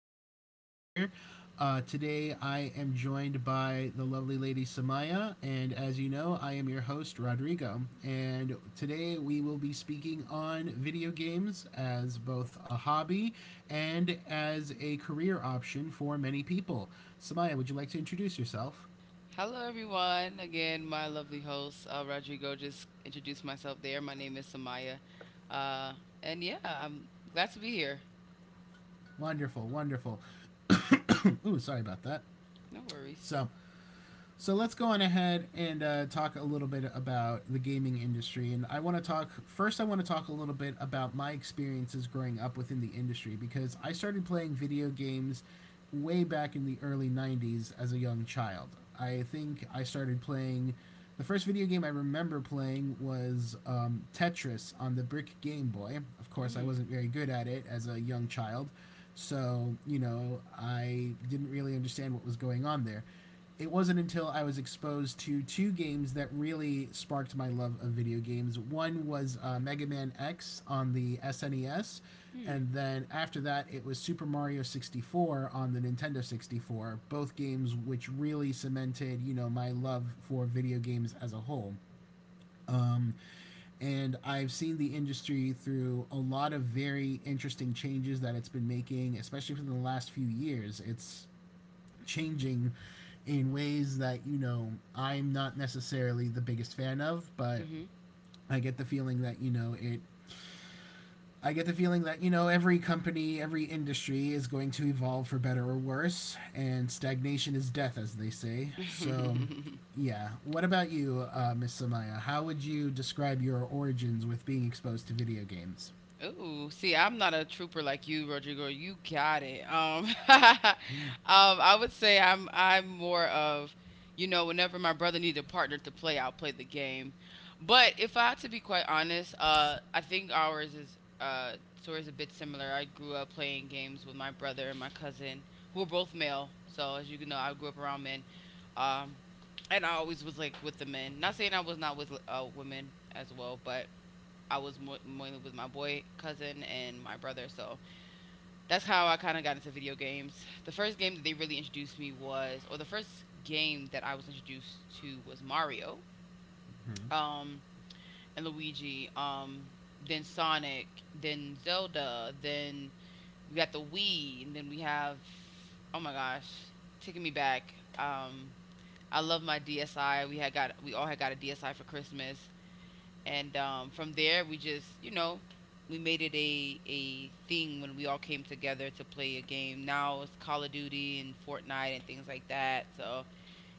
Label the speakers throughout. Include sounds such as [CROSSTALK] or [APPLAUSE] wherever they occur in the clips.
Speaker 1: podcast here. Today, I am joined by the lovely lady Samaya, and as you know, I am your host, Rodrigo. And today, we will be speaking on video games as both a hobby and as a career option for many people. Samaya, would you like to introduce yourself?
Speaker 2: Hello, everyone. Again, my lovely host, Rodrigo, just introduced myself there. My name is Samaya. Uh, and yeah, I'm glad to be here.
Speaker 1: Wonderful, wonderful. [COUGHS] Ooh, sorry about that.
Speaker 2: No worries.
Speaker 1: So, So let's go on ahead and talk a little bit about the gaming industry. And I want to talk first, I want to talk a little bit about my experiences growing up within the industry because I started playing video games way back in the early 90s as a young child. I think I started playing. The first video game I remember playing was Tetris on the brick Game Boy. Of course, I
Speaker 2: Mm.
Speaker 1: wasn't very good at it as a young child, so, you know, I didn't really understand what was going on there. It wasn't until I was exposed to two games that really sparked my love of video games. One was Mega Man X on the SNES,
Speaker 2: Mm.
Speaker 1: and then after that, it was Super Mario 64 on the Nintendo 64, both games which really cemented, you know, my love for video games as a whole. Um, and I've seen the industry through a lot of very interesting changes that it's been making, especially within the last few years. It's changing in ways that, you know, I'm not necessarily the biggest fan of, but I get the feeling that you know it. I get the feeling that, you know, every company, every industry is going to evolve for better or worse, and stagnation is death, as they say. So,
Speaker 2: Mm-hmm. [LAUGHS]
Speaker 1: yeah. What about you, Miss Samaya? How would you describe your origins with being exposed to video games?
Speaker 2: Ooh, see, I'm not a trooper like you, Rodrigo. You got it. [LAUGHS] I would say I'm more of, whenever my brother needed a partner to play, I'll play the game. But if I had to be quite honest, I think ours is sort of a bit similar. I grew up playing games with my brother and my cousin, who were both male. So as you can know, I grew up around men. Um, and I always was like with the men. Not saying I was not with women as well, but I was mainly with my boy cousin and my brother. So that's how I kind of got into video games. The first game that they really introduced me was, or the first game that I was introduced to was Mario,
Speaker 1: Mhm.
Speaker 2: um, and Luigi, then Sonic, then Zelda, then we got the Wii, and then we have, oh my gosh, taking me back. I love my DSi. We all had got a DSi for Christmas. And from there, we just we made it a thing when we all came together to play a game. Now it's Call of Duty and Fortnite and things like that, so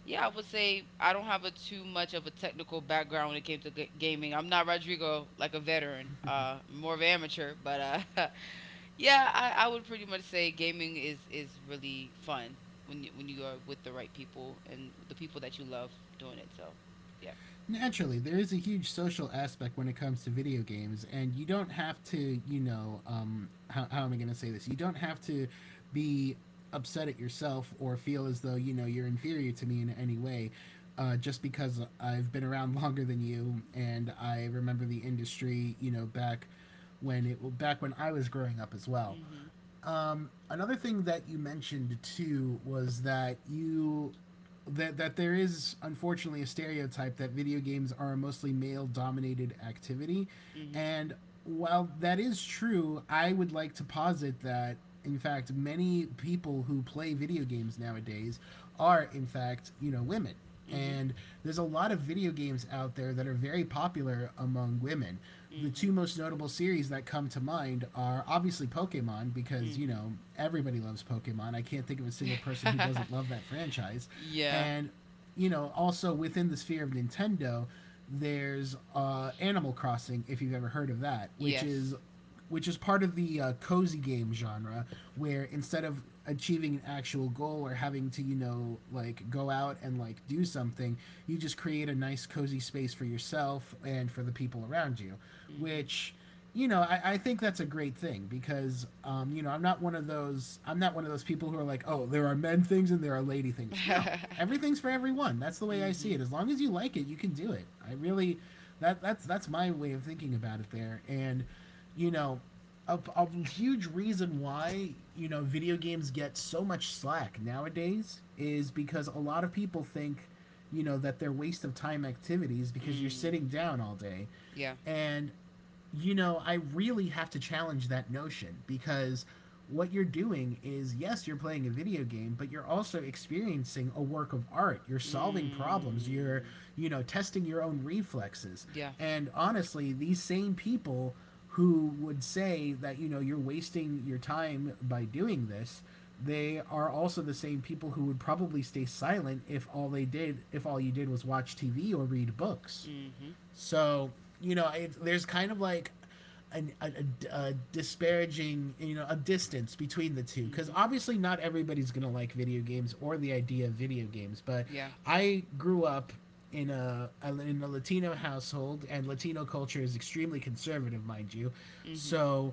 Speaker 2: yeah. I would say I don't have a too much of a technical background when it came to gaming. I'm not Rodrigo, like a veteran, more of an amateur, but [LAUGHS] yeah. I would pretty much say gaming is really fun when when you are with the right people and the people that you love doing it, so yeah.
Speaker 1: Naturally, there is a huge social aspect when it comes to video games, and you don't have to, you know, how am I going to say this? You don't have to be upset at yourself or feel as though, you know, you're inferior to me in any way just because I've been around [LAUGHS] longer than you and I remember the industry, you know, back when I was growing up as well.
Speaker 2: Mhm.
Speaker 1: Another thing that you mentioned too was that you that that there is unfortunately a stereotype that video games are a mostly male dominated activity.
Speaker 2: Mhm.
Speaker 1: And while that is true, I would like to posit that in fact many people who play video games nowadays are in fact, you know, women.
Speaker 2: Mhm.
Speaker 1: And there's a lot of video games out there that are very popular among women.
Speaker 2: The
Speaker 1: The
Speaker 2: Mm-hmm.
Speaker 1: two most notable series that come to mind are obviously Pokemon, because, you know,
Speaker 2: [LAUGHS]
Speaker 1: everybody loves Pokemon. I can't think of a
Speaker 2: [LAUGHS]
Speaker 1: single person
Speaker 2: Another
Speaker 1: who
Speaker 2: series like that,
Speaker 1: doesn't love that franchise.
Speaker 2: yeah.
Speaker 1: And, you know, also within the sphere of Nintendo, there's Animal Crossing, if you've ever heard of that, which is part of the cozy game genre, where instead of achieving an actual goal or having to, you know, like go out and like do something, you just create a nice cozy space for yourself and for the people around you,
Speaker 2: Mm-hmm.
Speaker 1: which. You know, I think that's a great thing because, you know, I'm not one of those people who are like, oh, there are men things and there are lady
Speaker 2: [LAUGHS]
Speaker 1: things. No,
Speaker 2: things
Speaker 1: everything's for everyone. That's the way I see
Speaker 2: Mhm.
Speaker 1: it. As long as you like it, you can do it. That's my way of thinking about it there. And, you know, a huge reason why, you know, video games get so much slack nowadays is because a lot of people think, you know, that they're waste of time activities because you're sitting down all day,
Speaker 2: Yeah.
Speaker 1: and you know I really have to challenge that notion because what you're doing is, yes, you're playing a video game, but you're also experiencing a work of art. You're solving problems, you know, testing your own reflexes.
Speaker 2: Yeah.
Speaker 1: And honestly, these same people who would say that, you know, you're wasting your time by doing this, they are also the same people who would probably stay silent if all you did was watch TV or read books.
Speaker 2: Mm-hmm.
Speaker 1: So, you know, there's kind of like an, a,
Speaker 2: A,
Speaker 1: a disparaging, you know, a distance between the two. Because
Speaker 2: Mm-hmm.
Speaker 1: obviously, not everybody's going to like video games or the idea of video games. But
Speaker 2: Yeah.
Speaker 1: I grew up in a Latino household, and Latino culture is extremely conservative, mind you.
Speaker 2: Mm-hmm.
Speaker 1: So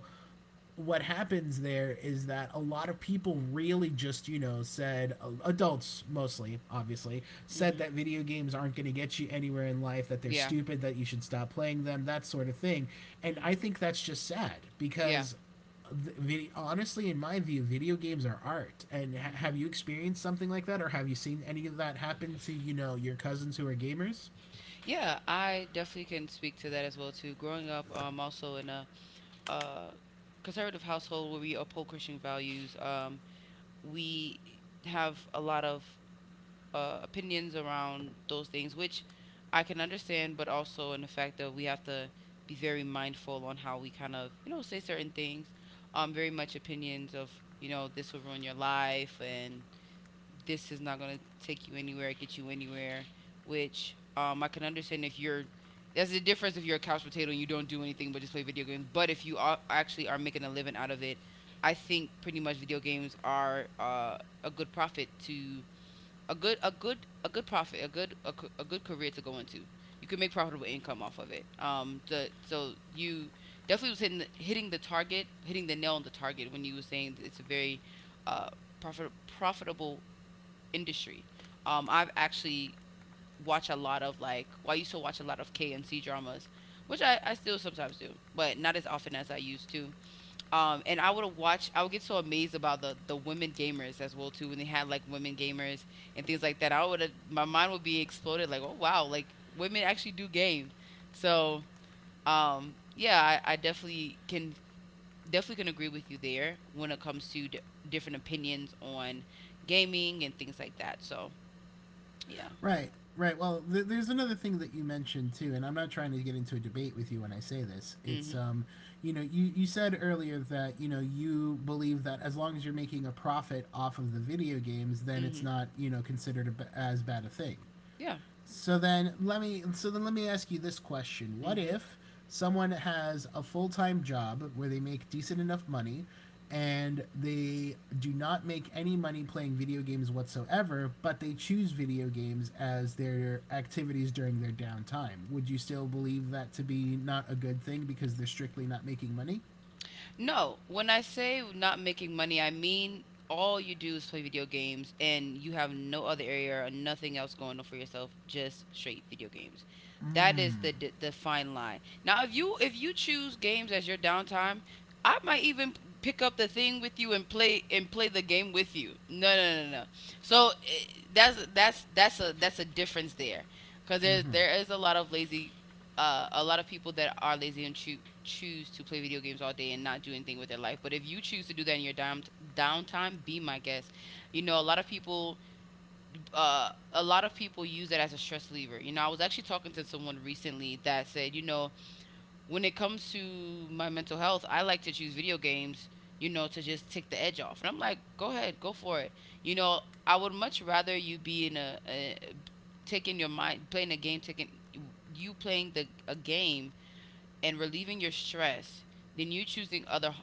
Speaker 1: what happens there is that a lot of people really just, you know, said adults mostly obviously said that video games aren't going to get you anywhere in life, that they're stupid, that you should stop playing them, that sort of thing. And I think that's just sad because honestly in my view video games are art. And
Speaker 2: Mhm.
Speaker 1: have you experienced something like that, or have you seen any of that happen to, you know, your cousins who are gamers?
Speaker 2: Yeah, I definitely can speak to that as well too. Growing up, also in a uh, conservative household where we uphold Christian values, we have a lot of opinions around those things, which I can understand, but also in the fact that we have to be very mindful on how we kind of, say certain things. Very much opinions of, this will ruin your life and this is not going to take you anywhere, get you anywhere, which I can understand if you're. That's the difference if you're a couch potato and you don't do anything but just play video games. But if you are, actually are making a living out of it, I think pretty much video games are a good profit to a good a a good career to go into. You can make profitable income off of it. Um the so you definitely was hitting the target hitting the nail on the target when you were saying that it's a very uh profitable industry. I've actually watched, a lot of like, well, I used to watch a lot of K and C dramas, which I still sometimes do, but not as often as I used to. And I would have watched. I would get so amazed about the women gamers as well too, when they had like women gamers and things like that. I would have my mind would be exploded, like, oh wow, like women actually do game. So yeah, I definitely can agree with you there when it comes to different opinions on gaming and things like that. So yeah.
Speaker 1: Right, right. Well, there's another thing that you mentioned too, and I'm not trying to get into a debate with you when I say this. It's
Speaker 2: Hmm.
Speaker 1: you know, you said earlier that, you know, you believe that as long as you're making a profit off of the video games, then it's
Speaker 2: Mhm.
Speaker 1: not, you know, considered as bad a thing.
Speaker 2: Yeah.
Speaker 1: So then let me ask you this question. What
Speaker 2: Mhm.
Speaker 1: if someone has a full-time job where they make decent enough money and they do not make any money playing video games whatsoever, but they choose video games as their activities during their downtime. Would you still believe that to be not a good thing because they're strictly not making money?
Speaker 2: No, when I say not making money, I mean all you do is play video games and you have no other area or nothing else going on for yourself, just straight video games. That is the the fine line. Now, if you choose games as your downtime, I might even pick up the thing with you and play the game with you. No, no, no, no. So that's a difference there, because there
Speaker 1: Mm-hmm.
Speaker 2: there is a lot of lazy, a lot of people that are lazy and choose to play video games all day and not do anything with their life. But if you choose to do that in your downtime, be my guest. You know, a lot of people, a lot of people use it as a stress reliever. I was actually talking to someone recently that said, when it comes to my mental health, I like to choose video games. To just take the edge off. And I'm like, go ahead, go for it. You know, I would much rather you be in a, taking your mind playing a game taking you playing the a game and relieving your stress than you choosing other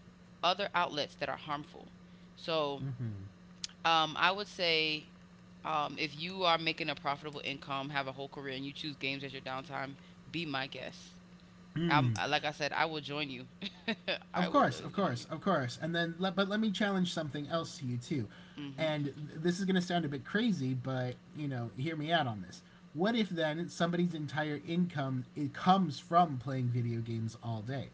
Speaker 2: other outlets that are harmful. So I would say if you are making a profitable income, have a whole career, and you choose games as your downtime, be my guest. Like I said, I will join you. [LAUGHS] I
Speaker 1: Of
Speaker 2: will
Speaker 1: course,
Speaker 2: literally
Speaker 1: of
Speaker 2: join
Speaker 1: course,
Speaker 2: you.
Speaker 1: of course. And then, but let me challenge something else to you too.
Speaker 2: Mm-hmm.
Speaker 1: And this is going to sound a bit crazy, but, you know, hear me out on this. What if then somebody's entire income it comes from playing video games all day?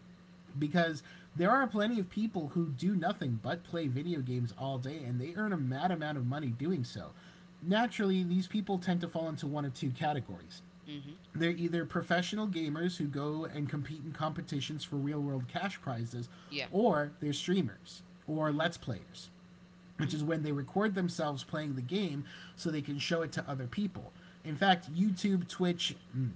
Speaker 1: Because there are plenty of people who do nothing but play video games all day, and they earn a mad amount of money doing so. Naturally, these people tend to fall into one of two categories:
Speaker 2: Mm-hmm.
Speaker 1: they're either professional gamers who go and compete in competitions for real world cash prizes,
Speaker 2: Yeah.
Speaker 1: or they're streamers or
Speaker 2: Mm-hmm.
Speaker 1: let's players, which is when they record themselves playing the game so they can show it to other people. In fact, YouTube, Twitch,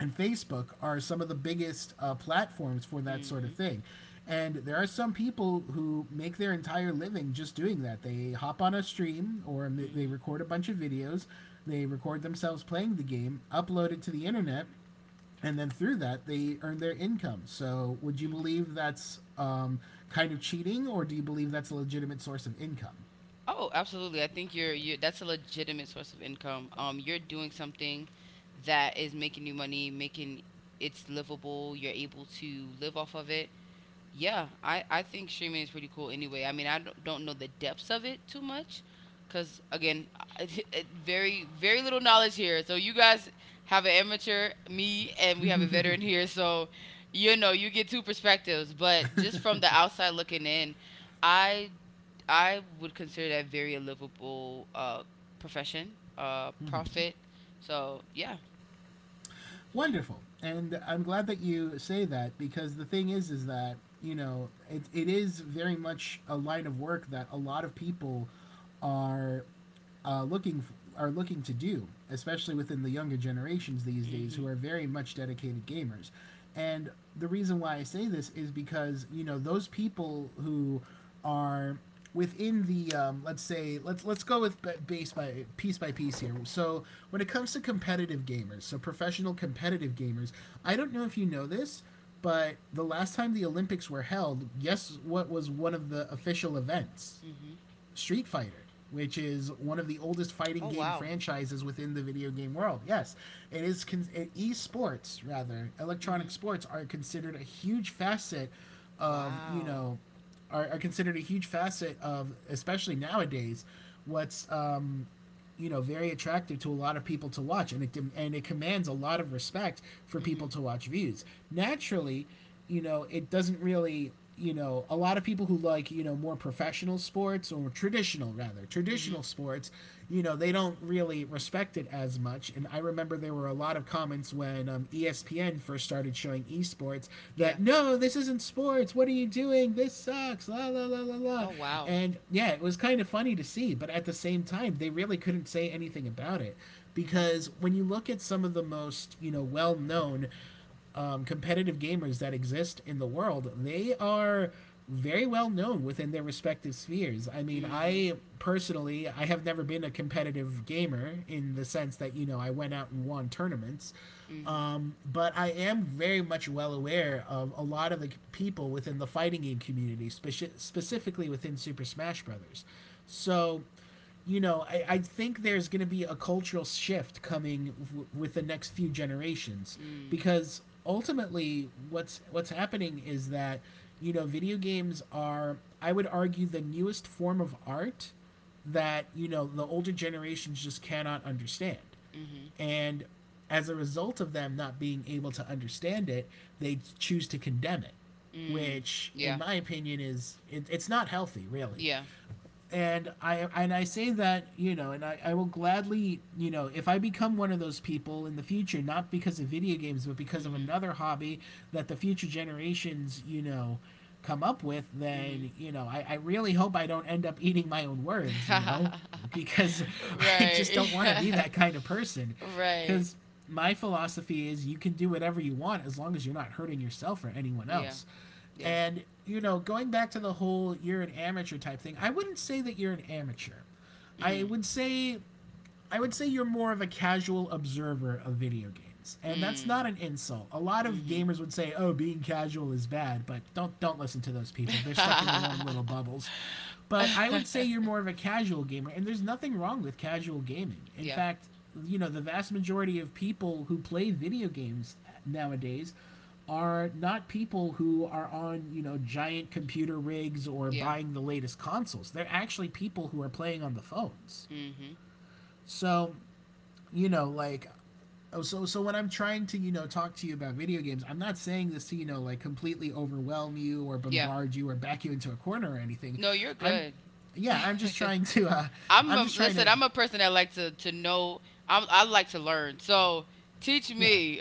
Speaker 1: and Facebook are some of the biggest platforms for that sort of thing.
Speaker 2: thing.
Speaker 1: And there are some people who make their entire living just doing that. They hop on a stream or they record a bunch of videos, they record themselves playing the game, upload it to the internet, and then through that they earn their income. So would you believe that's kind of cheating, or do you believe that's a legitimate source of income?
Speaker 2: Oh, absolutely. I think you're you that's a legitimate source of income. You're doing something that is making you money, making it's livable. You're able to live off of it. Yeah, I think streaming is pretty cool anyway. I mean, I don't know the depths of it too much, cuz again, [LAUGHS] very very little knowledge here. So you guys have an amateur, me, and we have a veteran here, so you get two perspectives, but just from the outside looking in, I I would consider that very a livable profession, profit. So, yeah. Yeah.
Speaker 1: Wonderful, and I'm glad that you say that because the thing is that, you know, it is very much a line of work that a lot of people are looking for, are looking to do, especially within the younger generations these days, who
Speaker 2: Mhm.
Speaker 1: are very much dedicated gamers. And the reason why I say this is because, you know, those people who are within the let's say let's go with base by piece here. So when it comes to competitive gamers, so professional competitive gamers, I don't know if you know this, but the last time the Olympics were held, guess what was one of the official events?
Speaker 2: Mhm.
Speaker 1: Street Fighter, which is one of the oldest fighting game franchises within the video game world. Yes, it is.
Speaker 2: Is.
Speaker 1: Esports, rather, electronic
Speaker 2: Mhm.
Speaker 1: sports are considered a huge facet of you know are considered a huge facet of, especially nowadays, what's you know, very attractive to a lot of people to watch. And it commands a lot of respect for people
Speaker 2: Mhm.
Speaker 1: to watch views naturally. You know, it doesn't really, you know, a lot of people who like, you know, more professional sports or traditional
Speaker 2: Mhm.
Speaker 1: sports, you know, they don't really respect it as much. And I remember there were a lot of comments when ESPN first started showing esports,
Speaker 2: Yeah.
Speaker 1: that no, this isn't sports. What are you doing? This sucks. La la la la la.
Speaker 2: Wow.
Speaker 1: And yeah, it was kind of funny to see, but at the same time, they really couldn't say anything about it
Speaker 2: Mhm.
Speaker 1: because when you look at some of the most well known competitive gamers that exist in the world, they are very well known within their respective spheres. I mean,
Speaker 2: Mhm.
Speaker 1: I personally, I have never been a competitive gamer in the sense that, I went out and won tournaments.
Speaker 2: Mm-hmm.
Speaker 1: But I am very much well aware of a lot of the people within the
Speaker 2: the
Speaker 1: fighting game community, specifically within Super Smash Brothers. So, I think there's going to be a cultural shift coming with the next few generations
Speaker 2: Mm.
Speaker 1: because ultimately, what's happening is that video games are, I would argue, the newest form of art that the older generations just cannot understand,
Speaker 2: Mm-hmm.
Speaker 1: and as a result of them not being able to understand it, they choose to condemn it,
Speaker 2: Mm.
Speaker 1: which, in my opinion, it's not healthy, really.
Speaker 2: Yeah.
Speaker 1: And I say that, and I will gladly if I become one of those people in the future, not because of video games, but because of
Speaker 2: Mhm.
Speaker 1: another hobby that the future generations come up with, then
Speaker 2: Mhm.
Speaker 1: I really hope I don't end up eating my own words,
Speaker 2: [LAUGHS] [LAUGHS]
Speaker 1: [LAUGHS] because I just
Speaker 2: Right.
Speaker 1: don't
Speaker 2: [LAUGHS]
Speaker 1: want to
Speaker 2: That
Speaker 1: be
Speaker 2: kind
Speaker 1: that kind of person,
Speaker 2: because.
Speaker 1: because my philosophy is you can do whatever you want as long as you're not hurting yourself or anyone
Speaker 2: Else.
Speaker 1: else.
Speaker 2: Yeah.
Speaker 1: And, going back to the whole you're an amateur type thing, I wouldn't say that you're an amateur. I
Speaker 2: Mm.
Speaker 1: would say I would say you're more of a casual observer of video games, and that's not
Speaker 2: Mm.
Speaker 1: an insult. A lot of
Speaker 2: Mhm.
Speaker 1: gamers would say, "Oh, being casual is bad," but don't listen to those people. They're stuck in
Speaker 2: [LAUGHS]
Speaker 1: their own little bubbles.
Speaker 2: [LAUGHS] I
Speaker 1: But
Speaker 2: would
Speaker 1: I
Speaker 2: say
Speaker 1: would say
Speaker 2: you're.
Speaker 1: you're more of a
Speaker 2: [LAUGHS]
Speaker 1: casual gamer, and there's nothing wrong with casual gaming. In fact, the vast majority of people who play video games nowadays are not people who are on, giant computer rigs or buying the latest consoles. They're actually people who are playing on the phones.
Speaker 2: Mm hmm.
Speaker 1: So like, oh, so when I'm trying to talk to you about video games, I'm not saying this to like completely overwhelm you or bombard you or back you into a
Speaker 2: Anything.
Speaker 1: corner or anything.
Speaker 2: No, you're
Speaker 1: I'm
Speaker 2: good.
Speaker 1: Yeah, I'm just trying to
Speaker 2: [LAUGHS] I'm just I'm
Speaker 1: I'm
Speaker 2: a,
Speaker 1: just trying
Speaker 2: listen.
Speaker 1: to
Speaker 2: I'm a person that like to know. I like to learn. So teach
Speaker 1: yeah,
Speaker 2: me, [LAUGHS]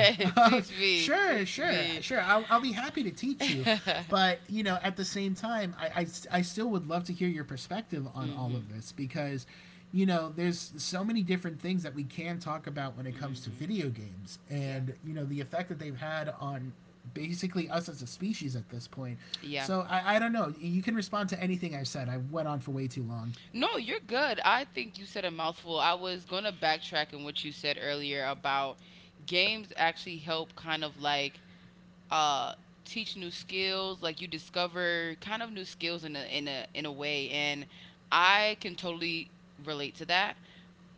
Speaker 1: [LAUGHS] Uh, sure, sure,
Speaker 2: me.
Speaker 1: sure. I'll be happy to
Speaker 2: [LAUGHS]
Speaker 1: teach you.
Speaker 2: But.
Speaker 1: But, at the same time, I still would love to hear your perspective on all of this because, there's so many different things that we can talk about when it comes to
Speaker 2: Hmm.
Speaker 1: video games
Speaker 2: Yeah.
Speaker 1: and, the effect that they've had on basically us as a species at this point.
Speaker 2: Yeah.
Speaker 1: So I don't know. You can respond to anything I've said. I went on for way too long.
Speaker 2: No, you're good. I think you said a mouthful. I was going to backtrack on what you said earlier about games actually help kind of like uh teach new skills, like you discover kind of new skills in a way, and I can totally relate to that.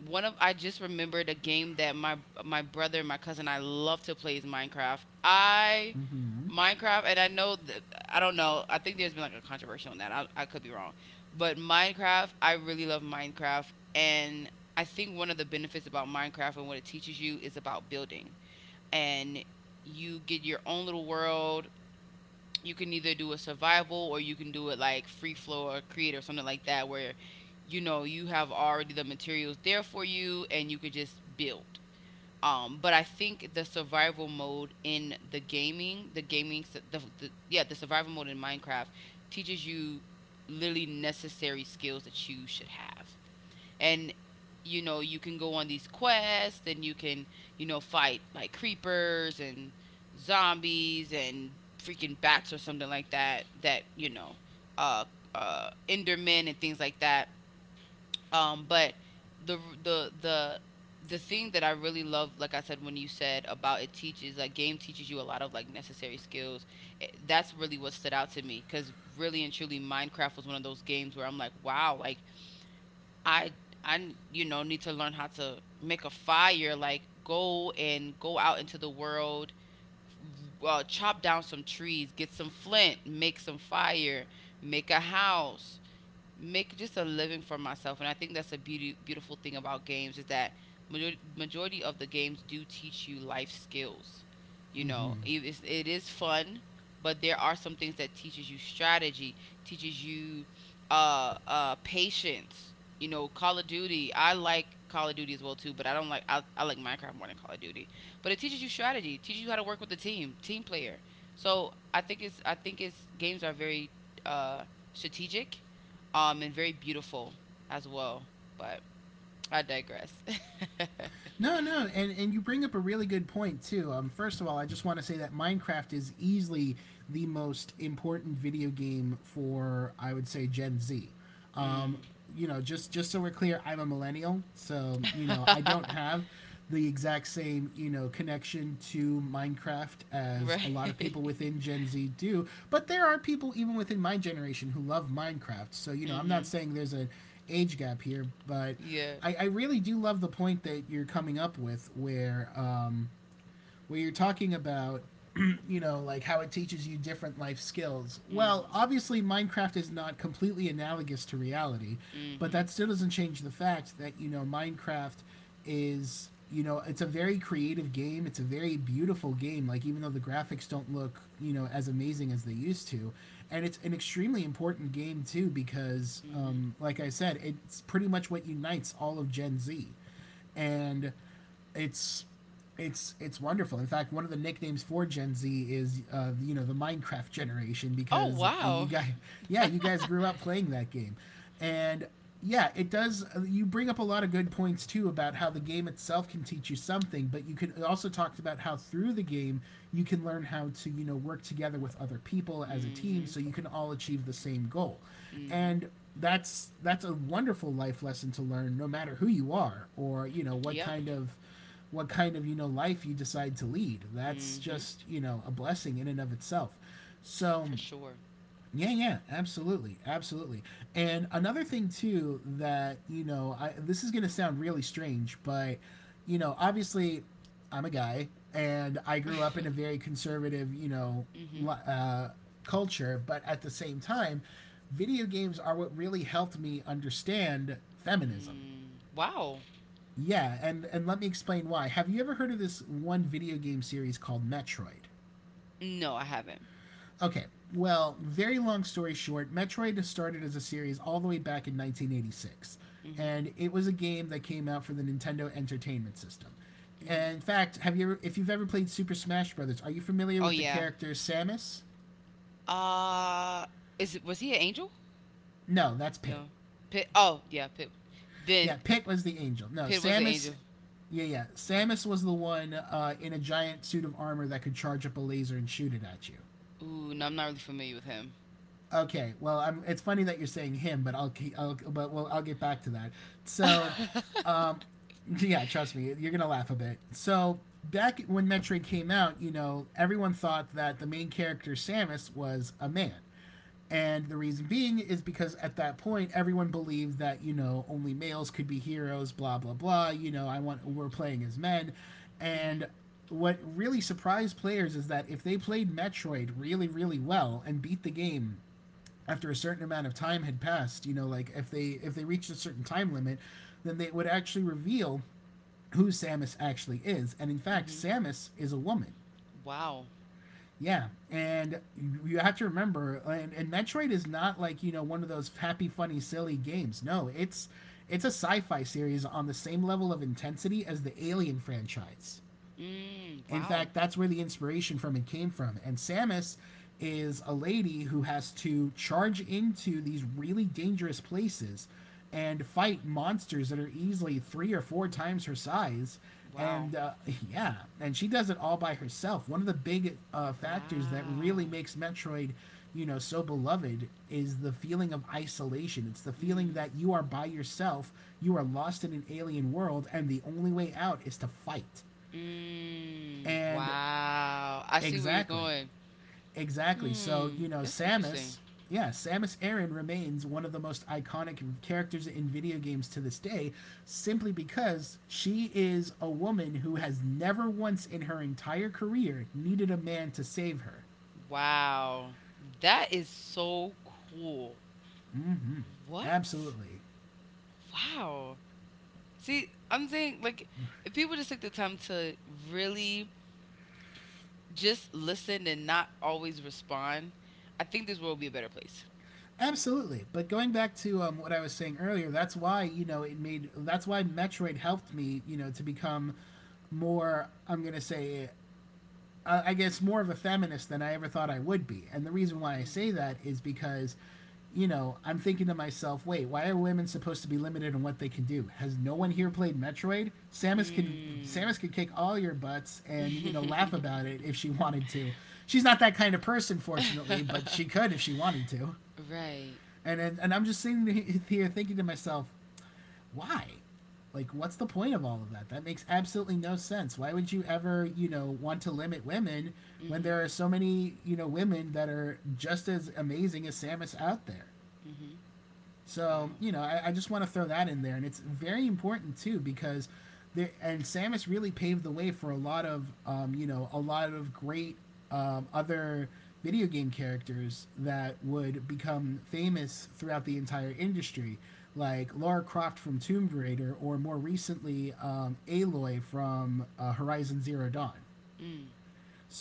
Speaker 2: One of I just remembered a game that my brother and my cousin I love to play is Minecraft. I
Speaker 1: Mm-hmm.
Speaker 2: Minecraft, and I know that I don't know. I think there's been like a controversy on that. I could be wrong. But Minecraft, I really love Minecraft, and I think one of the benefits about Minecraft and what it teaches you is about building. And you get your own little world. You can either do a survival, or you can do it like free flow or create or something like that, where you have already the materials there for you, and you could just build. But I think the survival mode in the gaming, the survival mode in Minecraft teaches you literally necessary skills that you should have. And you can go on these quests, and you can fight, like, creepers and zombies and freaking bats or something like that, that uh endermen and things like that. But the the the the thing that I really love, like I said, when you said about it teaches, like game teaches you a lot of, like, necessary skills. That's really what stood out to me, because really and truly, Minecraft was one of those games where I'm like, wow, like I I need to learn how to make a fire, like go and go out into the world, chop down some trees, get some flint, make some fire, make a house, make just a living for myself. And I think that's a beauty beautiful thing about games, is that majority of the games do teach you life skills. you know
Speaker 1: Mm-hmm.
Speaker 2: it is, it is fun, but there are some things that teaches you strategy, teaches you patience. Call of Duty, I like Call of Duty as well too, but I don't like, I like Minecraft more than Call of Duty. But it teaches you strategy, teaches you how to work with the team player. So I think it's I think it's games are very uh strategic, and very beautiful as well. But I digress. [LAUGHS] Mm.
Speaker 1: No, no, and you bring up a really good point too. First of all, I just want to say that Minecraft is easily the most important video game for I would say Gen Z.
Speaker 2: You
Speaker 1: Um,
Speaker 2: know,
Speaker 1: just so we're clear, I'm a millennial, so
Speaker 2: um,
Speaker 1: I
Speaker 2: [LAUGHS]
Speaker 1: don't have the exact same connection to Minecraft as a lot of people
Speaker 2: [LAUGHS]
Speaker 1: within Gen Z do. But
Speaker 2: Minecraft.
Speaker 1: there are people even within my generation who love Minecraft. So I'm not
Speaker 2: Mhm.
Speaker 1: saying there's an age gap here, but
Speaker 2: Yeah.
Speaker 1: I really do love the point that you're coming up with where you're talking about [CLEARS THROAT] like
Speaker 2: [CLEARS THROAT]
Speaker 1: how it teaches you different life skills. Well, obviously, Minecraft is not completely analogous to reality, but
Speaker 2: Mhm.
Speaker 1: that still doesn't change the fact that Minecraft is you know it's a very creative game. It's a very beautiful game, like, even though the graphics don't look as amazing as they used to, and it's an extremely important game too because
Speaker 2: Mhm.
Speaker 1: like I said, it's pretty much what unites all of Gen Z. And it's it's wonderful. In fact, one of the nicknames for Gen Z is the Minecraft generation because you guys [LAUGHS] yeah, you guys grew up playing that game, and yeah, it does. You bring up a lot of good points too about how the game itself can teach you something, but you could also talked about how through the game you can learn how to work together with other people as a team so you
Speaker 2: Mm-hmm.
Speaker 1: can all achieve the same goal,
Speaker 2: Mm-hmm.
Speaker 1: and that's a wonderful life lesson to learn no matter who you are or what
Speaker 2: Yep.
Speaker 1: kind of what kind of life you decide to lead. That's just a blessing in and of itself. So
Speaker 2: Sure.
Speaker 1: yeah, yeah, absolutely, absolutely. And another thing too, that you know, I, this is gonna sound really strange, but obviously, I'm a guy, and I grew up in a
Speaker 2: [LAUGHS]
Speaker 1: very conservative,
Speaker 2: [LAUGHS] Mm-hmm.
Speaker 1: li- uh, culture. But at the same time, video games are what really helped me understand feminism.
Speaker 2: Mm. Wow.
Speaker 1: Yeah, and let me explain why. Have you ever heard of this one video game series called Metroid?
Speaker 2: No, I haven't.
Speaker 1: Okay, well, very long story short, Metroid started as a series all the way back in 1986,
Speaker 2: Mm-hmm.
Speaker 1: and it was a game that came out for the Nintendo Entertainment System.
Speaker 2: Hmm.
Speaker 1: And in fact, if you've ever played Super Smash Brothers, are you familiar
Speaker 2: Oh
Speaker 1: with the
Speaker 2: yeah.
Speaker 1: character Samus?
Speaker 2: Uh, is it was he an angel?
Speaker 1: No, that's Pit.
Speaker 2: No. Pit. Oh yeah, Pit. Then.
Speaker 1: Yeah, Pit was the angel. No,
Speaker 2: Pit was the
Speaker 1: Samus.
Speaker 2: angel. Yeah,
Speaker 1: Yeah, yeah.
Speaker 2: okay.
Speaker 1: Samus was the one in a giant suit of armor that could charge up a laser and shoot it at you.
Speaker 2: Ooh, no, I'm not really familiar with him.
Speaker 1: Okay, well, it's funny that you're saying him, but I'll but well, I'll get back to that.
Speaker 2: [LAUGHS]
Speaker 1: So,
Speaker 2: Mhm.
Speaker 1: yeah, trust me, you're gonna laugh a bit. So back when Metroid came out, everyone thought that the main character Samus was a man. And the reason being is because at that point everyone believed that, only males could be heroes, blah blah blah, you know, I want we're playing as men. And what really surprised players is that if they played Metroid really, really well and beat the game after a certain amount of time had passed, like if they reached a certain time limit, then they would actually reveal who Samus
Speaker 2: And.
Speaker 1: actually is. And in fact,
Speaker 2: Mhm.
Speaker 1: Samus is a woman.
Speaker 2: Wow.
Speaker 1: Yeah, and have to remember, and Metroid is not like one of those happy, funny, silly games. No, it's a sci-fi series on the same level of intensity as the Alien franchise.
Speaker 2: Mm, and
Speaker 1: In
Speaker 2: wow.
Speaker 1: fact, that's where the inspiration from it came from. And Samus is a lady who has to charge into these really dangerous places and fight monsters that are easily three or four times her size.
Speaker 2: Wow.
Speaker 1: And [LAUGHS] yeah, and she does it all by herself. One of the big factors that really makes Metroid, so beloved is the feeling of isolation.
Speaker 2: The
Speaker 1: It's the feeling
Speaker 2: feeling.
Speaker 1: that you are by yourself, you are lost in an alien world, and the only way out is to fight.
Speaker 2: Mm, and
Speaker 1: And
Speaker 2: wow. I see where you're
Speaker 1: Exactly.
Speaker 2: going.
Speaker 1: Exactly. So,
Speaker 2: That's.
Speaker 1: Yeah, Samus Aran remains one of the most iconic characters in video games to this day simply because she is a woman who has never once in her entire career needed a man to save her.
Speaker 2: Wow. That is so cool. What?
Speaker 1: Absolutely.
Speaker 2: Wow. See, I'm saying, like, if people just take the time to really just listen and not always respond, I think this world would be a better place.
Speaker 1: Absolutely. But going back to what I was saying earlier, that's why, that's why Metroid helped me, to become more, I'm going to say, I guess more of a feminist than I ever thought I would be. And the reason why I say that is because, I'm thinking to myself, wait, why are women supposed to be limited on what they can do? Has no one here played Metroid?
Speaker 2: Samus.
Speaker 1: Samus could kick all your butts and laugh about it if
Speaker 2: [LAUGHS]
Speaker 1: she [LAUGHS] wanted to.
Speaker 2: [LAUGHS]
Speaker 1: She's not that kind of person,
Speaker 2: [LAUGHS] If
Speaker 1: fortunately, but she could if she wanted to.
Speaker 2: wanted to. Right.
Speaker 1: And I'm just sitting here thinking to myself, why? Like, what's the point of all of that? That makes absolutely no sense. Why would you ever, want to limit women when
Speaker 2: Mm.
Speaker 1: there are so many, women that are just as amazing as Samus out there?
Speaker 2: Mhm.
Speaker 1: So
Speaker 2: Wow.
Speaker 1: I just want to throw that in there, and it's very important too because there and Samus really paved the way for a lot of great other video game characters that would become famous throughout the entire industry, like Lara Croft from Tomb Raider, or more recently Aloy from Horizon Zero Dawn.
Speaker 2: Mm.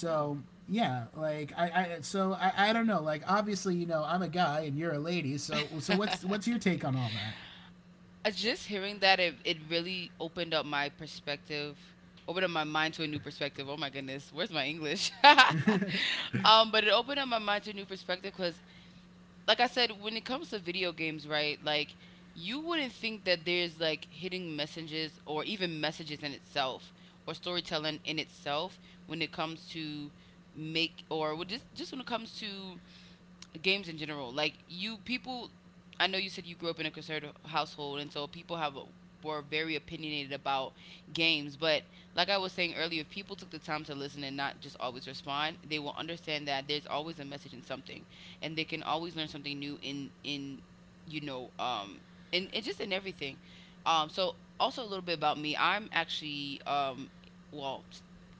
Speaker 2: Wow. [LAUGHS]
Speaker 1: yeah, like I don't know. Like obviously, you know, I'm a guy and you're a lady. So what's your take on all that?
Speaker 2: Just hearing that, it really opened up my perspective, opened up my mind to a new perspective. Oh my goodness, where's my English? [LAUGHS] But it opened up my mind to a new perspective because, like I said, when it comes to video games, right? Like, you wouldn't think that there's, like, hidden messages, or even messages in itself, or storytelling in itself when it comes to make or when- just when it comes to games in general. Like, you people, I know you said you grew up in a conservative household, and so people have were very opinionated about games. But like I was saying earlier, if people took the time to listen and not just always respond, they will understand that there's always a message in something, and they can always learn something new in you know and just in everything. So also a little bit about me. I'm actually well,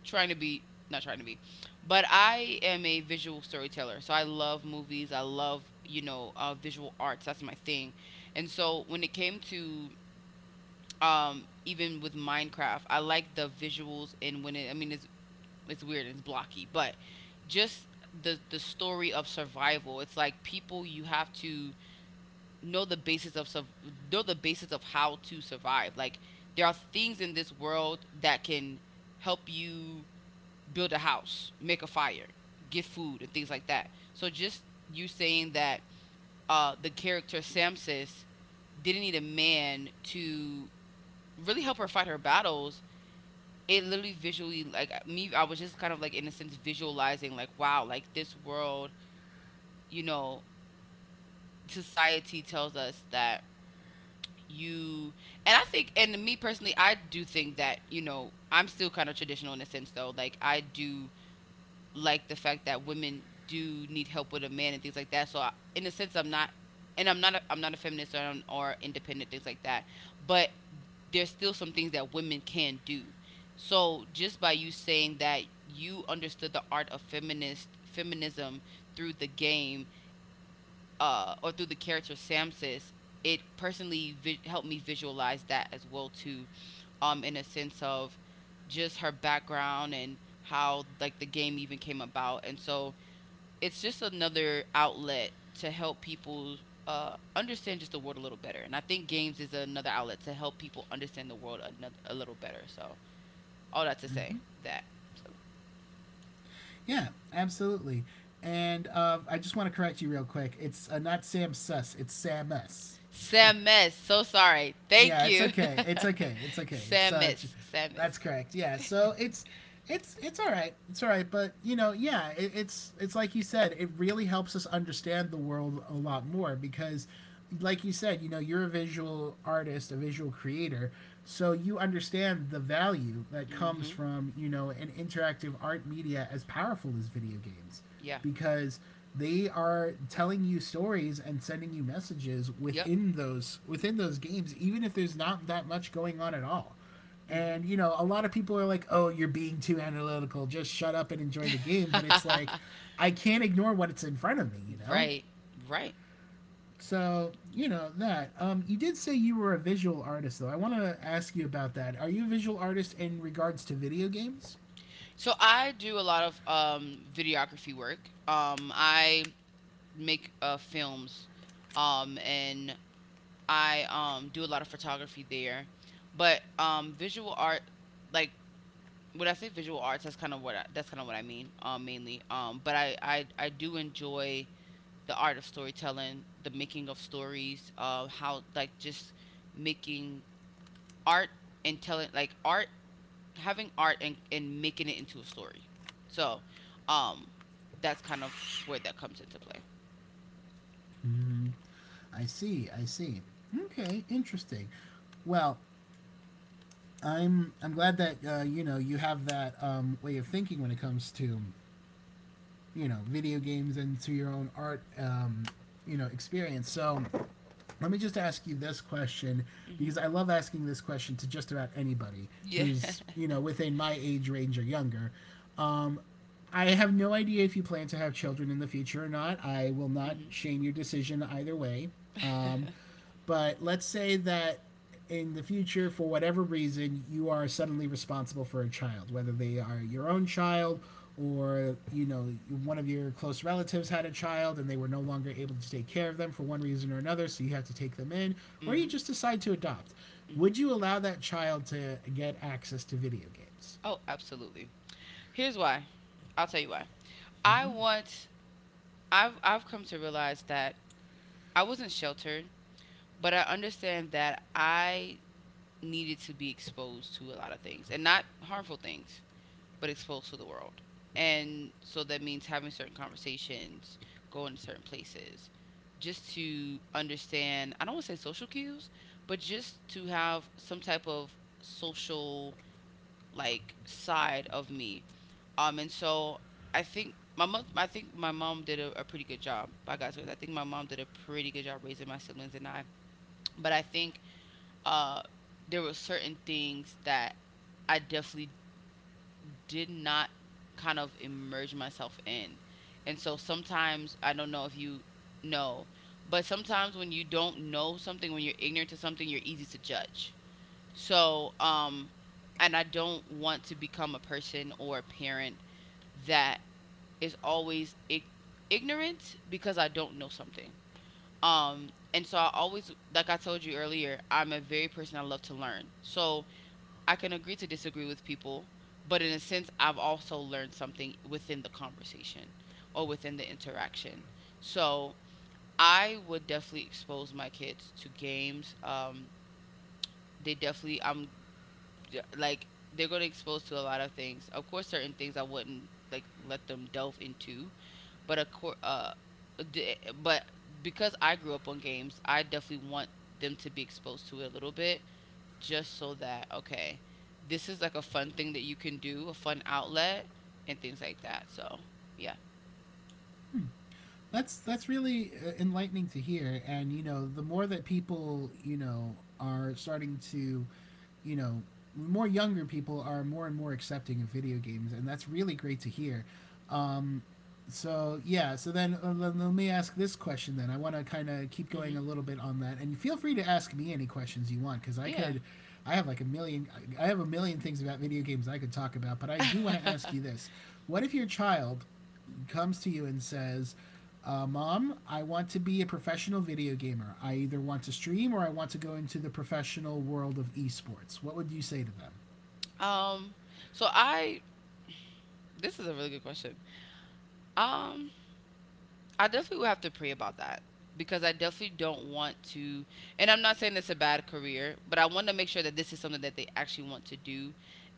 Speaker 2: trying to be, not trying to be. But I am a visual storyteller. So I love movies. I love, visual arts. That's my thing. And so when it came to, even with Minecraft, I like the visuals. And I mean, it's weird and it's blocky, but just the story of survival. It's like, people, you have to know the basis of, sur- know the basis of how to survive. Like, there are things in this world that can help you build a house, make a fire, get food, and things like that. So just you saying that, the character Samsis didn't need a man to really help her fight her battles. It literally visually, like, me, I was just kind of like, in a sense, visualizing, like, wow, like this world, you know, society tells us that you. And I think, and me personally, I do think that, I'm still kind of traditional in a sense, though. Like, I do like the fact that women do need help with a man, and things like that. So I, in a sense, I'm not, and I'm not, I'm not a feminist, or independent, things like that. But there's still some things that women can do. So just by you saying that you understood the art of feminist feminism through the game, or through the character Samsis, it personally helped me visualize that as well, too, in a sense of just her background, and how, like, the game even came about. And so it's just another outlet to help people understand just the world a little better. And I think games is another outlet to help people understand the world, a little better. So, all that to say that. So.
Speaker 1: Yeah, absolutely. And I just want to correct you real quick. It's not Sam Suss. It's Sam S.
Speaker 2: Sam So sorry. Thank
Speaker 1: Yeah, it's
Speaker 2: you.
Speaker 1: okay.
Speaker 2: [LAUGHS]
Speaker 1: It's okay. It's okay. It's
Speaker 2: Samus.
Speaker 1: that's
Speaker 2: Samus.
Speaker 1: correct. Yeah. So it's all right. It's all right. But you know, yeah, it's like you said. It really helps us understand the world a lot more because, like you said, you know, you're a visual artist, a visual creator, so you understand the value that comes
Speaker 2: Mm-hmm.
Speaker 1: from you know an interactive art media as powerful as video games
Speaker 2: Yeah.
Speaker 1: because they are telling you stories and sending you messages
Speaker 2: Yep.
Speaker 1: within those games even if there's not that much going on at all.
Speaker 2: Hmm.
Speaker 1: And you know a lot
Speaker 2: And.
Speaker 1: of people are like, oh, you're being too analytical, just shut up and
Speaker 2: [LAUGHS]
Speaker 1: enjoy the game,
Speaker 2: Ignore
Speaker 1: but
Speaker 2: the
Speaker 1: it's like
Speaker 2: research.
Speaker 1: I can't ignore
Speaker 2: [LAUGHS]
Speaker 1: what's in front of me,
Speaker 2: Me.
Speaker 1: you know?
Speaker 2: Right. Right.
Speaker 1: So you know that you did say you were a visual artist, though. I want to ask you about that. Are you a visual artist in regards to video games?
Speaker 2: So I do a lot of videography work. I make films, and I do a lot of photography there. But visual art, like, when I say visual arts, that's kind of what I mean, mainly. But I do enjoy the art of storytelling, the making of stories, how, like, just making art, and telling, like, art, having art, and making it into a story. So, um, that's kind of where that comes into play.
Speaker 1: I see, I see. Okay, interesting. Well, I'm glad that you know you have that way of thinking when it comes to you know video games and to your own art, you know, experience. So let me just ask you this question
Speaker 2: Mm-hmm.
Speaker 1: because I love asking this question to just about anybody
Speaker 2: Yeah.
Speaker 1: who's
Speaker 2: [LAUGHS]
Speaker 1: you know within my age range or younger. Um, I have no idea if you plan to have children in the future or not. I will not
Speaker 2: Mhm.
Speaker 1: shame your decision either way. Um,
Speaker 2: [LAUGHS]
Speaker 1: but let's say that in the future, for whatever reason, you are suddenly responsible for a child, whether they are your own child or you know one of your close relatives had a child and they were no longer able to take care of them for one reason or another, so you have to take them in, or you
Speaker 2: Mhm.
Speaker 1: just decide to adopt. Would
Speaker 2: Mm-hmm.
Speaker 1: you allow that child to get access to video games?
Speaker 2: Oh, absolutely. Here's why. I'll tell you why. I want I've come to realize that I wasn't sheltered, but I understand that I needed to be exposed to a lot of things, and not harmful things, but exposed to the world. And so that means having certain conversations, going to certain places, just to understand, I don't want to say, social cues, but just to have some type of social, like, side of me. And so I think my mom, I think my mom did a pretty good job. By God's grace, I think my mom did a pretty good job raising my siblings and I. But I think, uh, there were certain things that I definitely did not kind of immerse myself in. And so sometimes, I don't know if you know, but sometimes when you don't know something, when you're ignorant to something, you're easy to judge, so, and I don't want to become a person or a parent that is always ignorant because I don't know something. And so I always, like I told you earlier, I'm a very person, I love to learn. So I can agree to disagree with people, but in a sense, I've also learned something within the conversation, or within the interaction. So I would definitely expose my kids to games. They definitely, like they're going to expose to a lot of things. Of course, certain things I wouldn't, like, let them delve into, but of course, but because I grew up on games, I definitely want them to be exposed to it a little bit, just so that, okay, this is like a fun thing that you can do, a fun outlet, and things like that. So yeah.
Speaker 1: That's really enlightening to hear, and you know the more that people you know are starting to you know, more younger people are more and more accepting of video games, and that's really great to hear. um, so yeah, so then let me ask this question then. I want to kind of keep going
Speaker 2: Mhm.
Speaker 1: a little bit on that, and feel free to ask me any questions you want because i
Speaker 2: Yeah.
Speaker 1: could i have like a million, I have a million things about video games I could talk about, but I
Speaker 2: I have
Speaker 1: do
Speaker 2: a
Speaker 1: want
Speaker 2: million things about video games
Speaker 1: to
Speaker 2: I could
Speaker 1: ask you
Speaker 2: talk
Speaker 1: this. What if your child comes to you and says, Mom, I want to be a professional video gamer. I either want to stream or I want to go into the professional world of esports. What would you say to them?
Speaker 2: about. [LAUGHS] So I this is a really good question. Um, I definitely would have to pray about that, because I definitely don't want to. And I'm not saying it's a bad career, but I want to make sure that this is something that they actually want to do,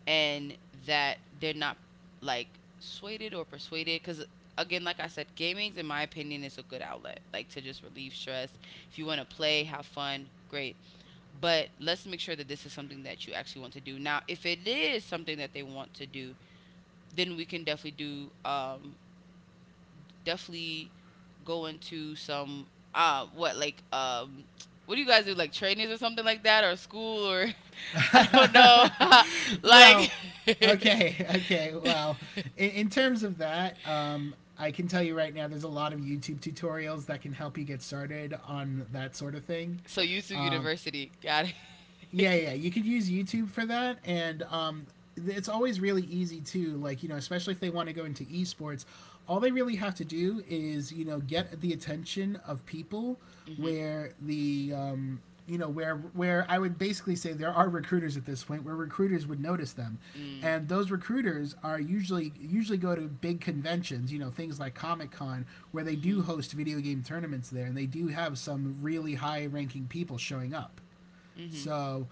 Speaker 2: and that they're not, like, swayed or persuaded. Because again, like I said, gaming's in my opinion is a good outlet, like, to just relieve stress. If you want to play, have fun, great. But let's make sure that this is something that you actually want to do. Now, if it is something that they want to do, then we can definitely do, definitely go into some what, like, what do you guys do, like, trainings or something like that, or school, or [LAUGHS] I don't know. [LAUGHS]
Speaker 1: [LAUGHS]
Speaker 2: Like.
Speaker 1: Well,
Speaker 2: [LAUGHS]
Speaker 1: okay, okay. Well, in terms of that, I can tell you right now, there's a lot of YouTube tutorials that can help you get started on that sort of thing.
Speaker 2: So YouTube University got it.
Speaker 1: Yeah, yeah, you could use YouTube for that, and it's always really easy too. Like you know, especially if they want to go into esports, all they really have to do is you know get the attention of people
Speaker 2: [LAUGHS] Mhm.
Speaker 1: where the you know, where I would basically say there are recruiters at this point, where recruiters would notice them,
Speaker 2: Mm.
Speaker 1: and those recruiters are usually go to big conventions, you know, things like Comic Con, where
Speaker 2: They.
Speaker 1: they do
Speaker 2: Mhm.
Speaker 1: host video game tournaments there, and they do have some really high ranking people showing up.
Speaker 2: Mm. Mhm.
Speaker 1: So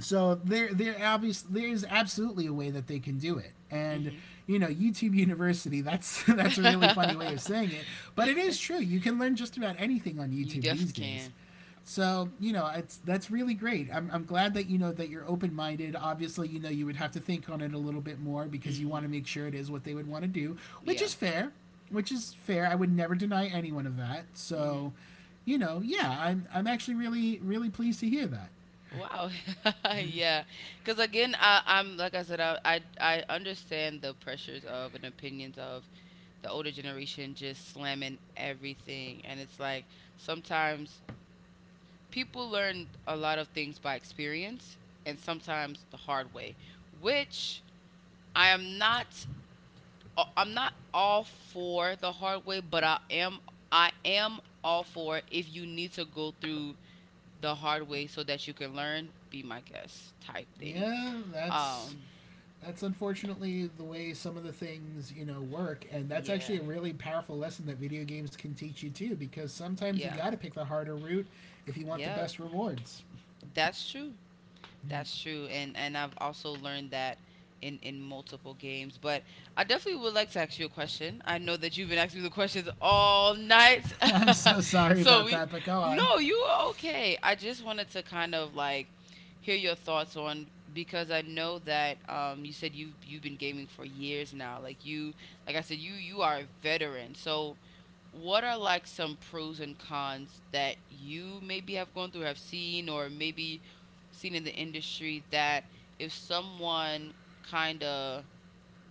Speaker 1: so there, there obviously there is absolutely a way that they can do it,
Speaker 2: Mm.
Speaker 1: and
Speaker 2: Mhm.
Speaker 1: you know, YouTube University. [LAUGHS] That's a really funny way of
Speaker 2: [LAUGHS]
Speaker 1: saying it,
Speaker 2: [LAUGHS]
Speaker 1: but it is true. You can learn just about anything on
Speaker 2: That
Speaker 1: YouTube
Speaker 2: definitely
Speaker 1: these days.
Speaker 2: can.
Speaker 1: So you know, it's that's really great. I'm glad that you know that you're open minded. Obviously, you know you would have to think on it a little bit more because you want to
Speaker 2: Mhm.
Speaker 1: make sure it is what they would want to do, which
Speaker 2: Yeah.
Speaker 1: is fair, which is fair. I would never deny anyone of that.
Speaker 2: Mhm.
Speaker 1: So, you know, yeah, I'm actually really really pleased to hear that.
Speaker 2: Wow. [LAUGHS] Yeah. Because again, I, I'm like I said, I understand the pressures of, and opinions of, the older generation, just slamming everything. And it's like, sometimes people learn a lot of things by experience, and sometimes the hard way, which I am not I'm not all for the hard way, but I am all for it if you need to go through the hard way so that you can learn. Be my guest, type thing.
Speaker 1: Yeah,
Speaker 2: Um
Speaker 1: that's unfortunately the way some of the things you know work, and that's actually
Speaker 2: yeah.
Speaker 1: a really powerful lesson that video games can teach you too because sometimes you
Speaker 2: Yeah.
Speaker 1: got to pick the harder route if you want the
Speaker 2: Yep.
Speaker 1: best rewards.
Speaker 2: That's true. That's true, and I've also learned that in multiple games. But I definitely would like to ask you a question. I know that you've been asking me the questions all night.
Speaker 1: [LAUGHS] I'm so
Speaker 2: [LAUGHS]
Speaker 1: sorry
Speaker 2: so
Speaker 1: about
Speaker 2: we
Speaker 1: that, but go on.
Speaker 2: No, you are okay. I just wanted to kind of, like, hear your thoughts on, because I know that, you said you have you've been gaming for years now. Like, you, like I said, you are a veteran. So what are, like, some pros and cons that you maybe have gone through, have seen, or maybe seen in the industry, that if someone kind of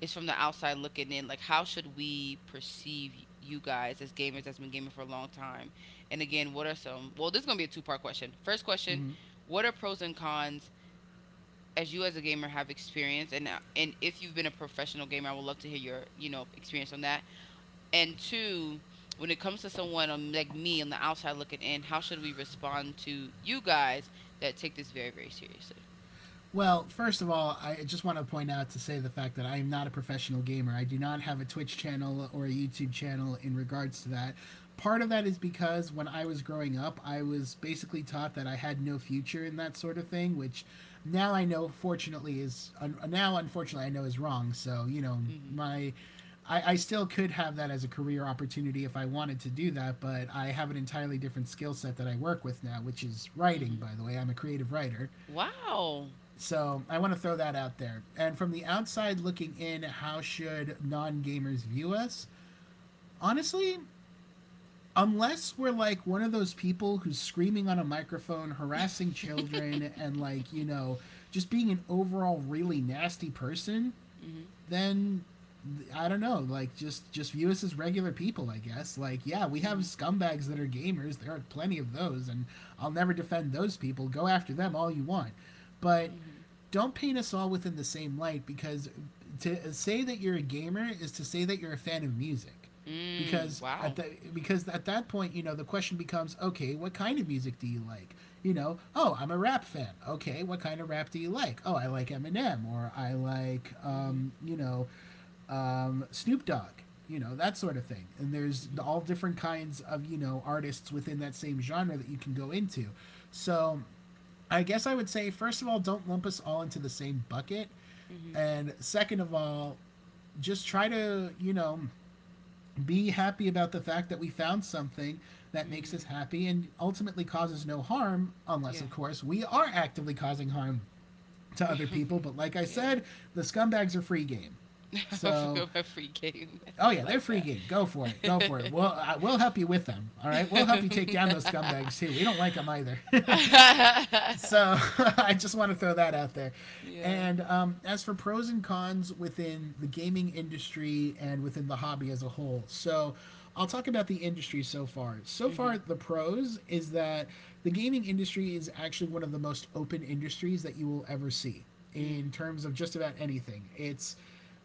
Speaker 2: is from the outside looking in, like, how should we perceive you guys as gamers that's been gaming for a long time? And again, what are some? Well, this is gonna be a two-part question. First question:
Speaker 1: Mhm.
Speaker 2: what are pros and cons as you as a gamer have experienced, and if you've been a professional gamer, I would love to hear your experience on that. And two, when it comes to someone like me on the outside looking in, how should we respond to you guys that take this very, very seriously?
Speaker 1: Well, first of all, I just want to point out to say the fact that I am not a professional gamer. I do not have a Twitch channel or a YouTube channel in regards to that. Part of that is because when I was growing up, I was basically taught that I had no future in that sort of thing, which now unfortunately I know is wrong. So, you know,
Speaker 2: So. Mhm,
Speaker 1: my I still could have that as a career opportunity if I wanted to do that, but I have an entirely different skill set that I work with now, which is
Speaker 2: mhm.
Speaker 1: writing,
Speaker 2: Right.
Speaker 1: by the way. I'm a creative writer.
Speaker 2: Wow.
Speaker 1: So I want to throw that out there. And from the outside looking in, how should non gamers view us? Honestly, unless we're like one of those people who's screaming on a microphone,
Speaker 2: [LAUGHS]
Speaker 1: harassing
Speaker 2: Microphone.
Speaker 1: children, and like, you know, just being an overall really nasty person,
Speaker 2: Hmm.
Speaker 1: then I don't know, like just view us as regular people, I guess. Like, yeah, we have scumbags that are gamers. There are plenty of those, and I'll never defend those people. Go after them all you want, but
Speaker 2: Hmm.
Speaker 1: don't paint us all within the same light because to say that you're a gamer is to say that you're a fan of music
Speaker 2: Mm.
Speaker 1: because at the because at that point you know the question becomes, okay, what kind of music do you like? You know, oh, I'm a rap fan. Okay, what kind of rap do you like? Oh, I like Eminem, or I like you know, Snoop Dogg, you know, that sort of thing. And there's all different kinds of you know artists within that same genre that you can go into. So I guess I would say, first of all, don't lump us all into the same bucket,
Speaker 2: Mm-hmm.
Speaker 1: and second of all, just try to you know be happy about the fact that we found something that makes us happy and ultimately causes no harm, unless, of course, we are actively causing harm to other people. But like I
Speaker 2: [LAUGHS]
Speaker 1: said, the scumbags are free game.
Speaker 2: [LAUGHS] I
Speaker 1: So,
Speaker 2: forgot my free game. [LAUGHS]
Speaker 1: oh yeah,
Speaker 2: I
Speaker 1: they're
Speaker 2: like
Speaker 1: free
Speaker 2: that.
Speaker 1: game. Go for it. Go for it.
Speaker 2: [LAUGHS]
Speaker 1: We'll help you with them. All
Speaker 2: [LAUGHS]
Speaker 1: right. We'll help you take down those scumbags too. We don't like them either. [LAUGHS] So [LAUGHS] I just want to throw that out there.
Speaker 2: Yeah.
Speaker 1: And as for pros and cons within the gaming industry and within the hobby as a whole, so I'll talk about the industry so far. So
Speaker 2: Mm-hmm.
Speaker 1: far, the pros is that the gaming industry is actually one of the most open industries that you will ever see
Speaker 2: Mm.
Speaker 1: in terms of just about anything. It's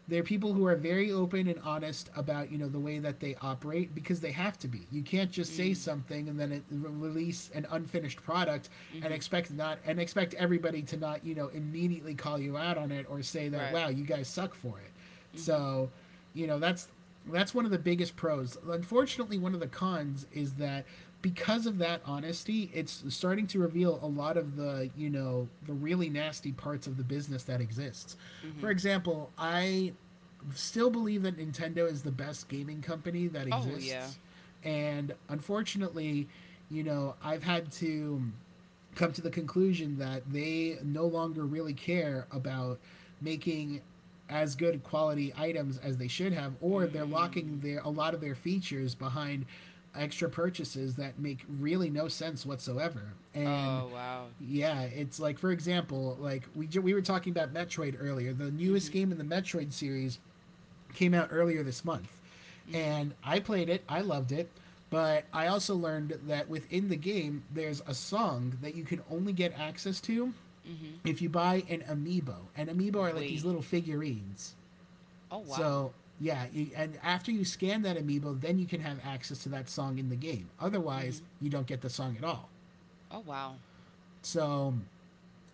Speaker 1: they're people who are very open and honest about you know the way that they operate because they have to be. You can't just say something and then release an unfinished product and
Speaker 2: Mm-hmm.
Speaker 1: expect everybody to not you know immediately call you out on it or say that, wow, you guys suck for it.
Speaker 2: It.
Speaker 1: So, you know, that's one of the biggest pros. Unfortunately, one of the cons is that because of that honesty, it's starting to reveal a lot of the, you know, the really nasty parts of the business that exists. For
Speaker 2: Mm-hmm.
Speaker 1: example, I still believe that Nintendo is the best gaming company that
Speaker 2: Yeah.
Speaker 1: exists. And unfortunately, you know, I've had to come to the conclusion that they no longer really care about making as good quality items as they should have, or they're locking
Speaker 2: Mm.
Speaker 1: their a lot of their features behind extra purchases that make really no sense whatsoever. And
Speaker 2: Oh wow.
Speaker 1: yeah, it's like for example, like we were talking about Metroid earlier, the newest game in the Metroid series came out earlier this month.
Speaker 2: Mhm.
Speaker 1: And I played it, I loved it, but I also learned that within the game, there's a song that you can only get access to
Speaker 2: Mhm.
Speaker 1: if you buy an amiibo. And amiibo are like these
Speaker 2: Wait.
Speaker 1: little figurines.
Speaker 2: Oh.
Speaker 1: So, yeah, you, and after you scan that amiibo, then you can have access to that song in the game. Otherwise, you don't get the song at all.
Speaker 2: Oh wow.
Speaker 1: So,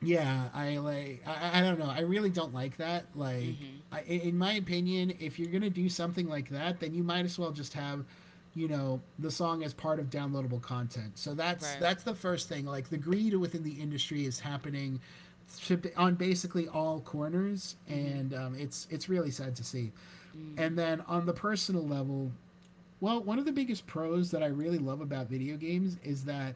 Speaker 1: yeah I don't know, I really don't like that. Like
Speaker 2: Mhm.
Speaker 1: I, in my opinion, if you're gonna do something like that, then you might as well just have, you know, the song as part of downloadable content. So that's the first thing. Like the greed within the industry is happening on basically all corners,
Speaker 2: Mhm.
Speaker 1: and it's really sad to see.
Speaker 2: Mm.
Speaker 1: And then on the personal level, well, one of the biggest pros that I really love about video games is that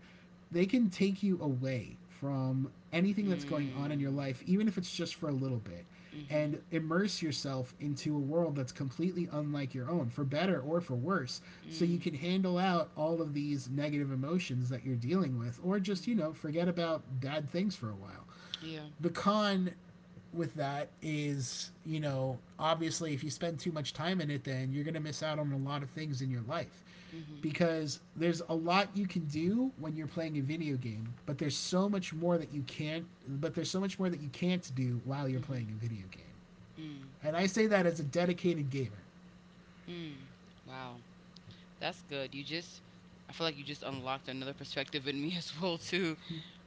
Speaker 1: they can take you away from anything that's going on in your life, even if it's just for a little bit,
Speaker 2: Mm-hmm.
Speaker 1: and immerse yourself into a world that's completely unlike your own, for better or for worse,
Speaker 2: So
Speaker 1: so you can handle out all of these negative emotions that you're dealing with, or just, you know, forget about bad things for a while.
Speaker 2: Yeah.
Speaker 1: The con with that is, you know, obviously if you spend too much time in it, then you're going to miss out on a lot of things in your life.
Speaker 2: Mm-hmm.
Speaker 1: Because there's a lot you can do when you're playing a video game, but there's so much more that you can't, but there's so much more that you
Speaker 2: You
Speaker 1: can't do while you're
Speaker 2: a
Speaker 1: playing
Speaker 2: video
Speaker 1: a video game.
Speaker 2: game.
Speaker 1: And I say that as a dedicated gamer.
Speaker 2: Mm. Mm. Wow. That's good. You just I feel like you just unlocked another perspective in me [LAUGHS] as well too.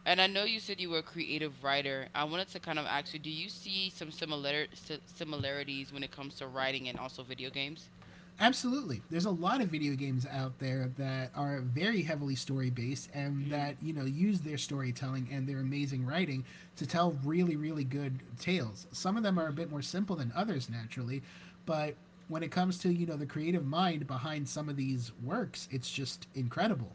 Speaker 2: And I know you said you were a creative writer. I wanted to kind of ask you, do you see some similar similarities when it comes to writing and also video games?
Speaker 1: Absolutely. There's a lot of video games out there that are very heavily story based and
Speaker 2: Mm.
Speaker 1: that, you know, use their storytelling and their amazing writing to tell really, really good tales. Some of them are a
Speaker 2: Mm-hmm.
Speaker 1: bit more simple than others, naturally, but when it comes to, you know, the creative mind behind some of these works, it's just incredible.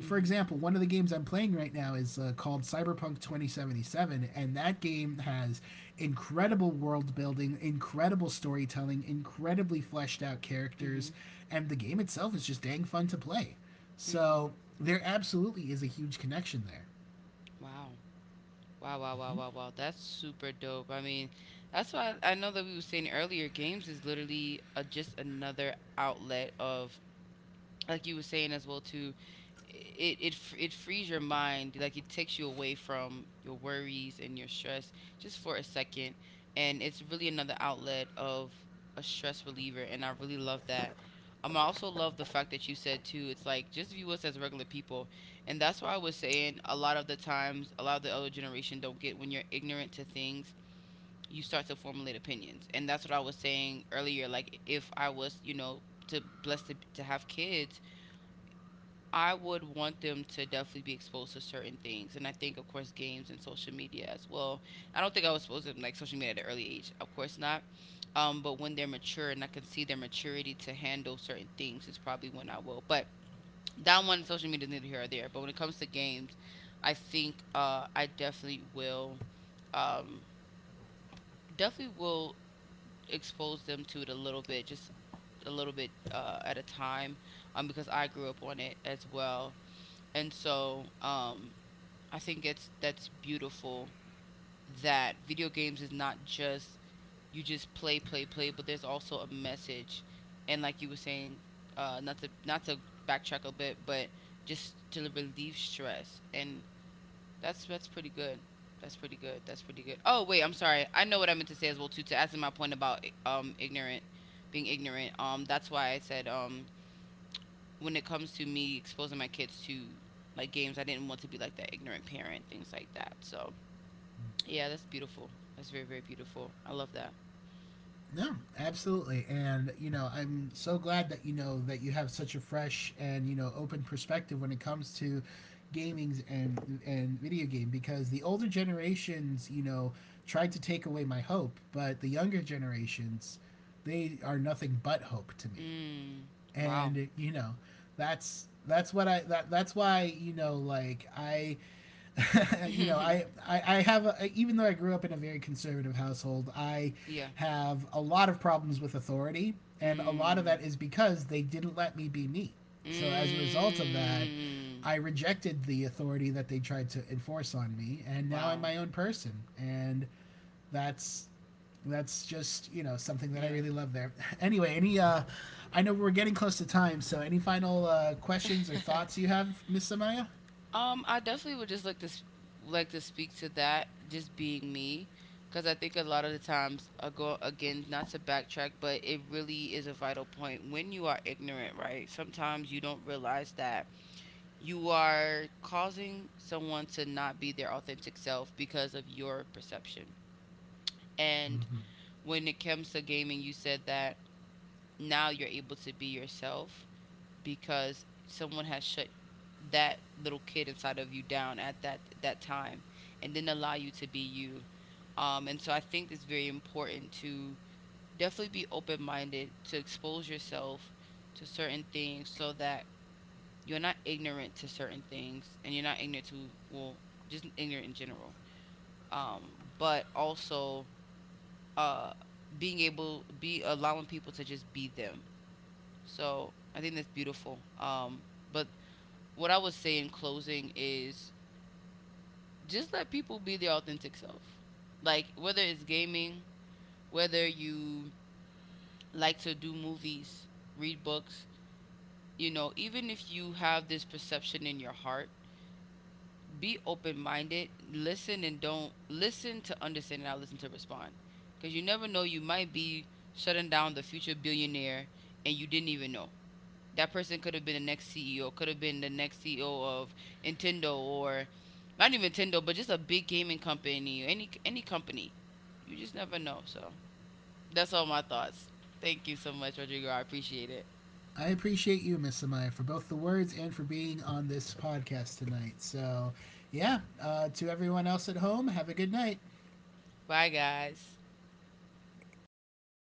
Speaker 1: For example, one of the games I'm playing right now is called Cyberpunk 2077, and that game has incredible world building, incredible storytelling, incredibly fleshed out
Speaker 2: Mm-hmm.
Speaker 1: characters, and the game itself is just dang fun to play. So there absolutely is a huge connection there.
Speaker 2: Wow. Wow, wow, wow,
Speaker 1: Mm-hmm.
Speaker 2: wow, wow. That's super dope. I mean, that's why I know that we were saying earlier, games is literally a, just another outlet of, like you were saying as well too, it frees your mind, like it takes you away from your worries and your stress just for a second, and it's really another outlet of a stress reliever, and I really love that. I also love the fact that you said too. It's like just view us as regular people, and that's why I was saying a lot of the times, a lot of the other generation don't get when you're ignorant to things, you start to formulate opinions, and that's what I was saying earlier. Like if I was, you know, to blessed to have kids, I would want them to definitely be exposed to certain things, and I think, of course, games and social media as well. I don't think I was supposed to like social media at an early age, of course not. But when they're mature and I can see their maturity to handle certain things, is probably when I will. But that one, social media is neither here or there. But when it comes to games, I think I um, definitely will expose them to it a little bit, just a little bit at a time, because I grew up on it as well. And I think it's that's beautiful that video games is not just you just play, play, play, but there's also a message. And like you were saying, not to backtrack a bit, but just to relieve stress. And that's pretty good. That's pretty good. That's pretty good. Oh wait, I'm sorry. I know what I meant to say as well too. To answer my point about ignorant, being ignorant. That's why I said when it comes to me exposing my kids to like games, I didn't want to be like that ignorant parent, things like that. So yeah, that's beautiful. That's very very beautiful. I love that.
Speaker 1: No, absolutely. And, you know, I'm so glad that, you know, that you have such a fresh and, you know, open perspective when it comes to gamings and video game, because the older generations, you know, tried to take away my hope, but the younger generations, they are nothing but hope to me.
Speaker 2: Mm, wow.
Speaker 1: And, you know, that's what I, that's why, you know, like I
Speaker 2: [LAUGHS]
Speaker 1: [LAUGHS] you
Speaker 2: It,
Speaker 1: know,
Speaker 2: [LAUGHS] yeah.
Speaker 1: I have a, even though I grew up in a very conservative household, I
Speaker 2: Yeah. A lot
Speaker 1: have a lot of problems with authority,
Speaker 2: of.
Speaker 1: and a lot of
Speaker 2: Mm.
Speaker 1: that is because they didn't let me be me.
Speaker 2: Me.
Speaker 1: So as a result of that,
Speaker 2: Mm.
Speaker 1: I
Speaker 2: I.
Speaker 1: rejected the authority that they tried to enforce on me, and now I'm
Speaker 2: Wow.
Speaker 1: my own person, and that's that's just, you know, something that I
Speaker 2: Yeah.
Speaker 1: really love there. [LAUGHS] Anyway, any I know we're getting close to time, so any final questions or
Speaker 2: [LAUGHS]
Speaker 1: thoughts you have, Miss Samaya?
Speaker 2: I definitely would just like to like to speak to that, just being me, because I think a lot of the times, I go again, not to backtrack, but it really is a vital point when you are ignorant, right? Sometimes you don't realize that you are causing someone to not be their authentic self because of your perception. And when it comes to gaming, you said that now you're able to be yourself because someone has shut that little kid inside of you down at that time and didn't allow you to be you, and so I think it's very important to definitely be open-minded, to expose yourself to certain things so that you're not ignorant to certain things, and you're not ignorant to, well, just ignorant in general. um but also, uh being able, be allowing people to just be them. So I think that's beautiful. But what I would say in closing is just let people be their authentic self. Like whether it's gaming, whether you like to do movies, read books, you know, even if you have this perception in your heart, be open minded, listen, and don't listen to understand and not listen to respond. Because you never know, you might be shutting down the future billionaire and you didn't even know. That person could have been the next CEO, could have been the next CEO of Nintendo, or not even Nintendo, but just a big gaming company, any company. You just never know. So that's all my thoughts. Thank you so much, Rodrigo. I appreciate it.
Speaker 1: I appreciate you, Miss Amaya, for both the words and for being on this podcast tonight. So, yeah, to everyone else at home, have a good night.
Speaker 2: Bye, guys.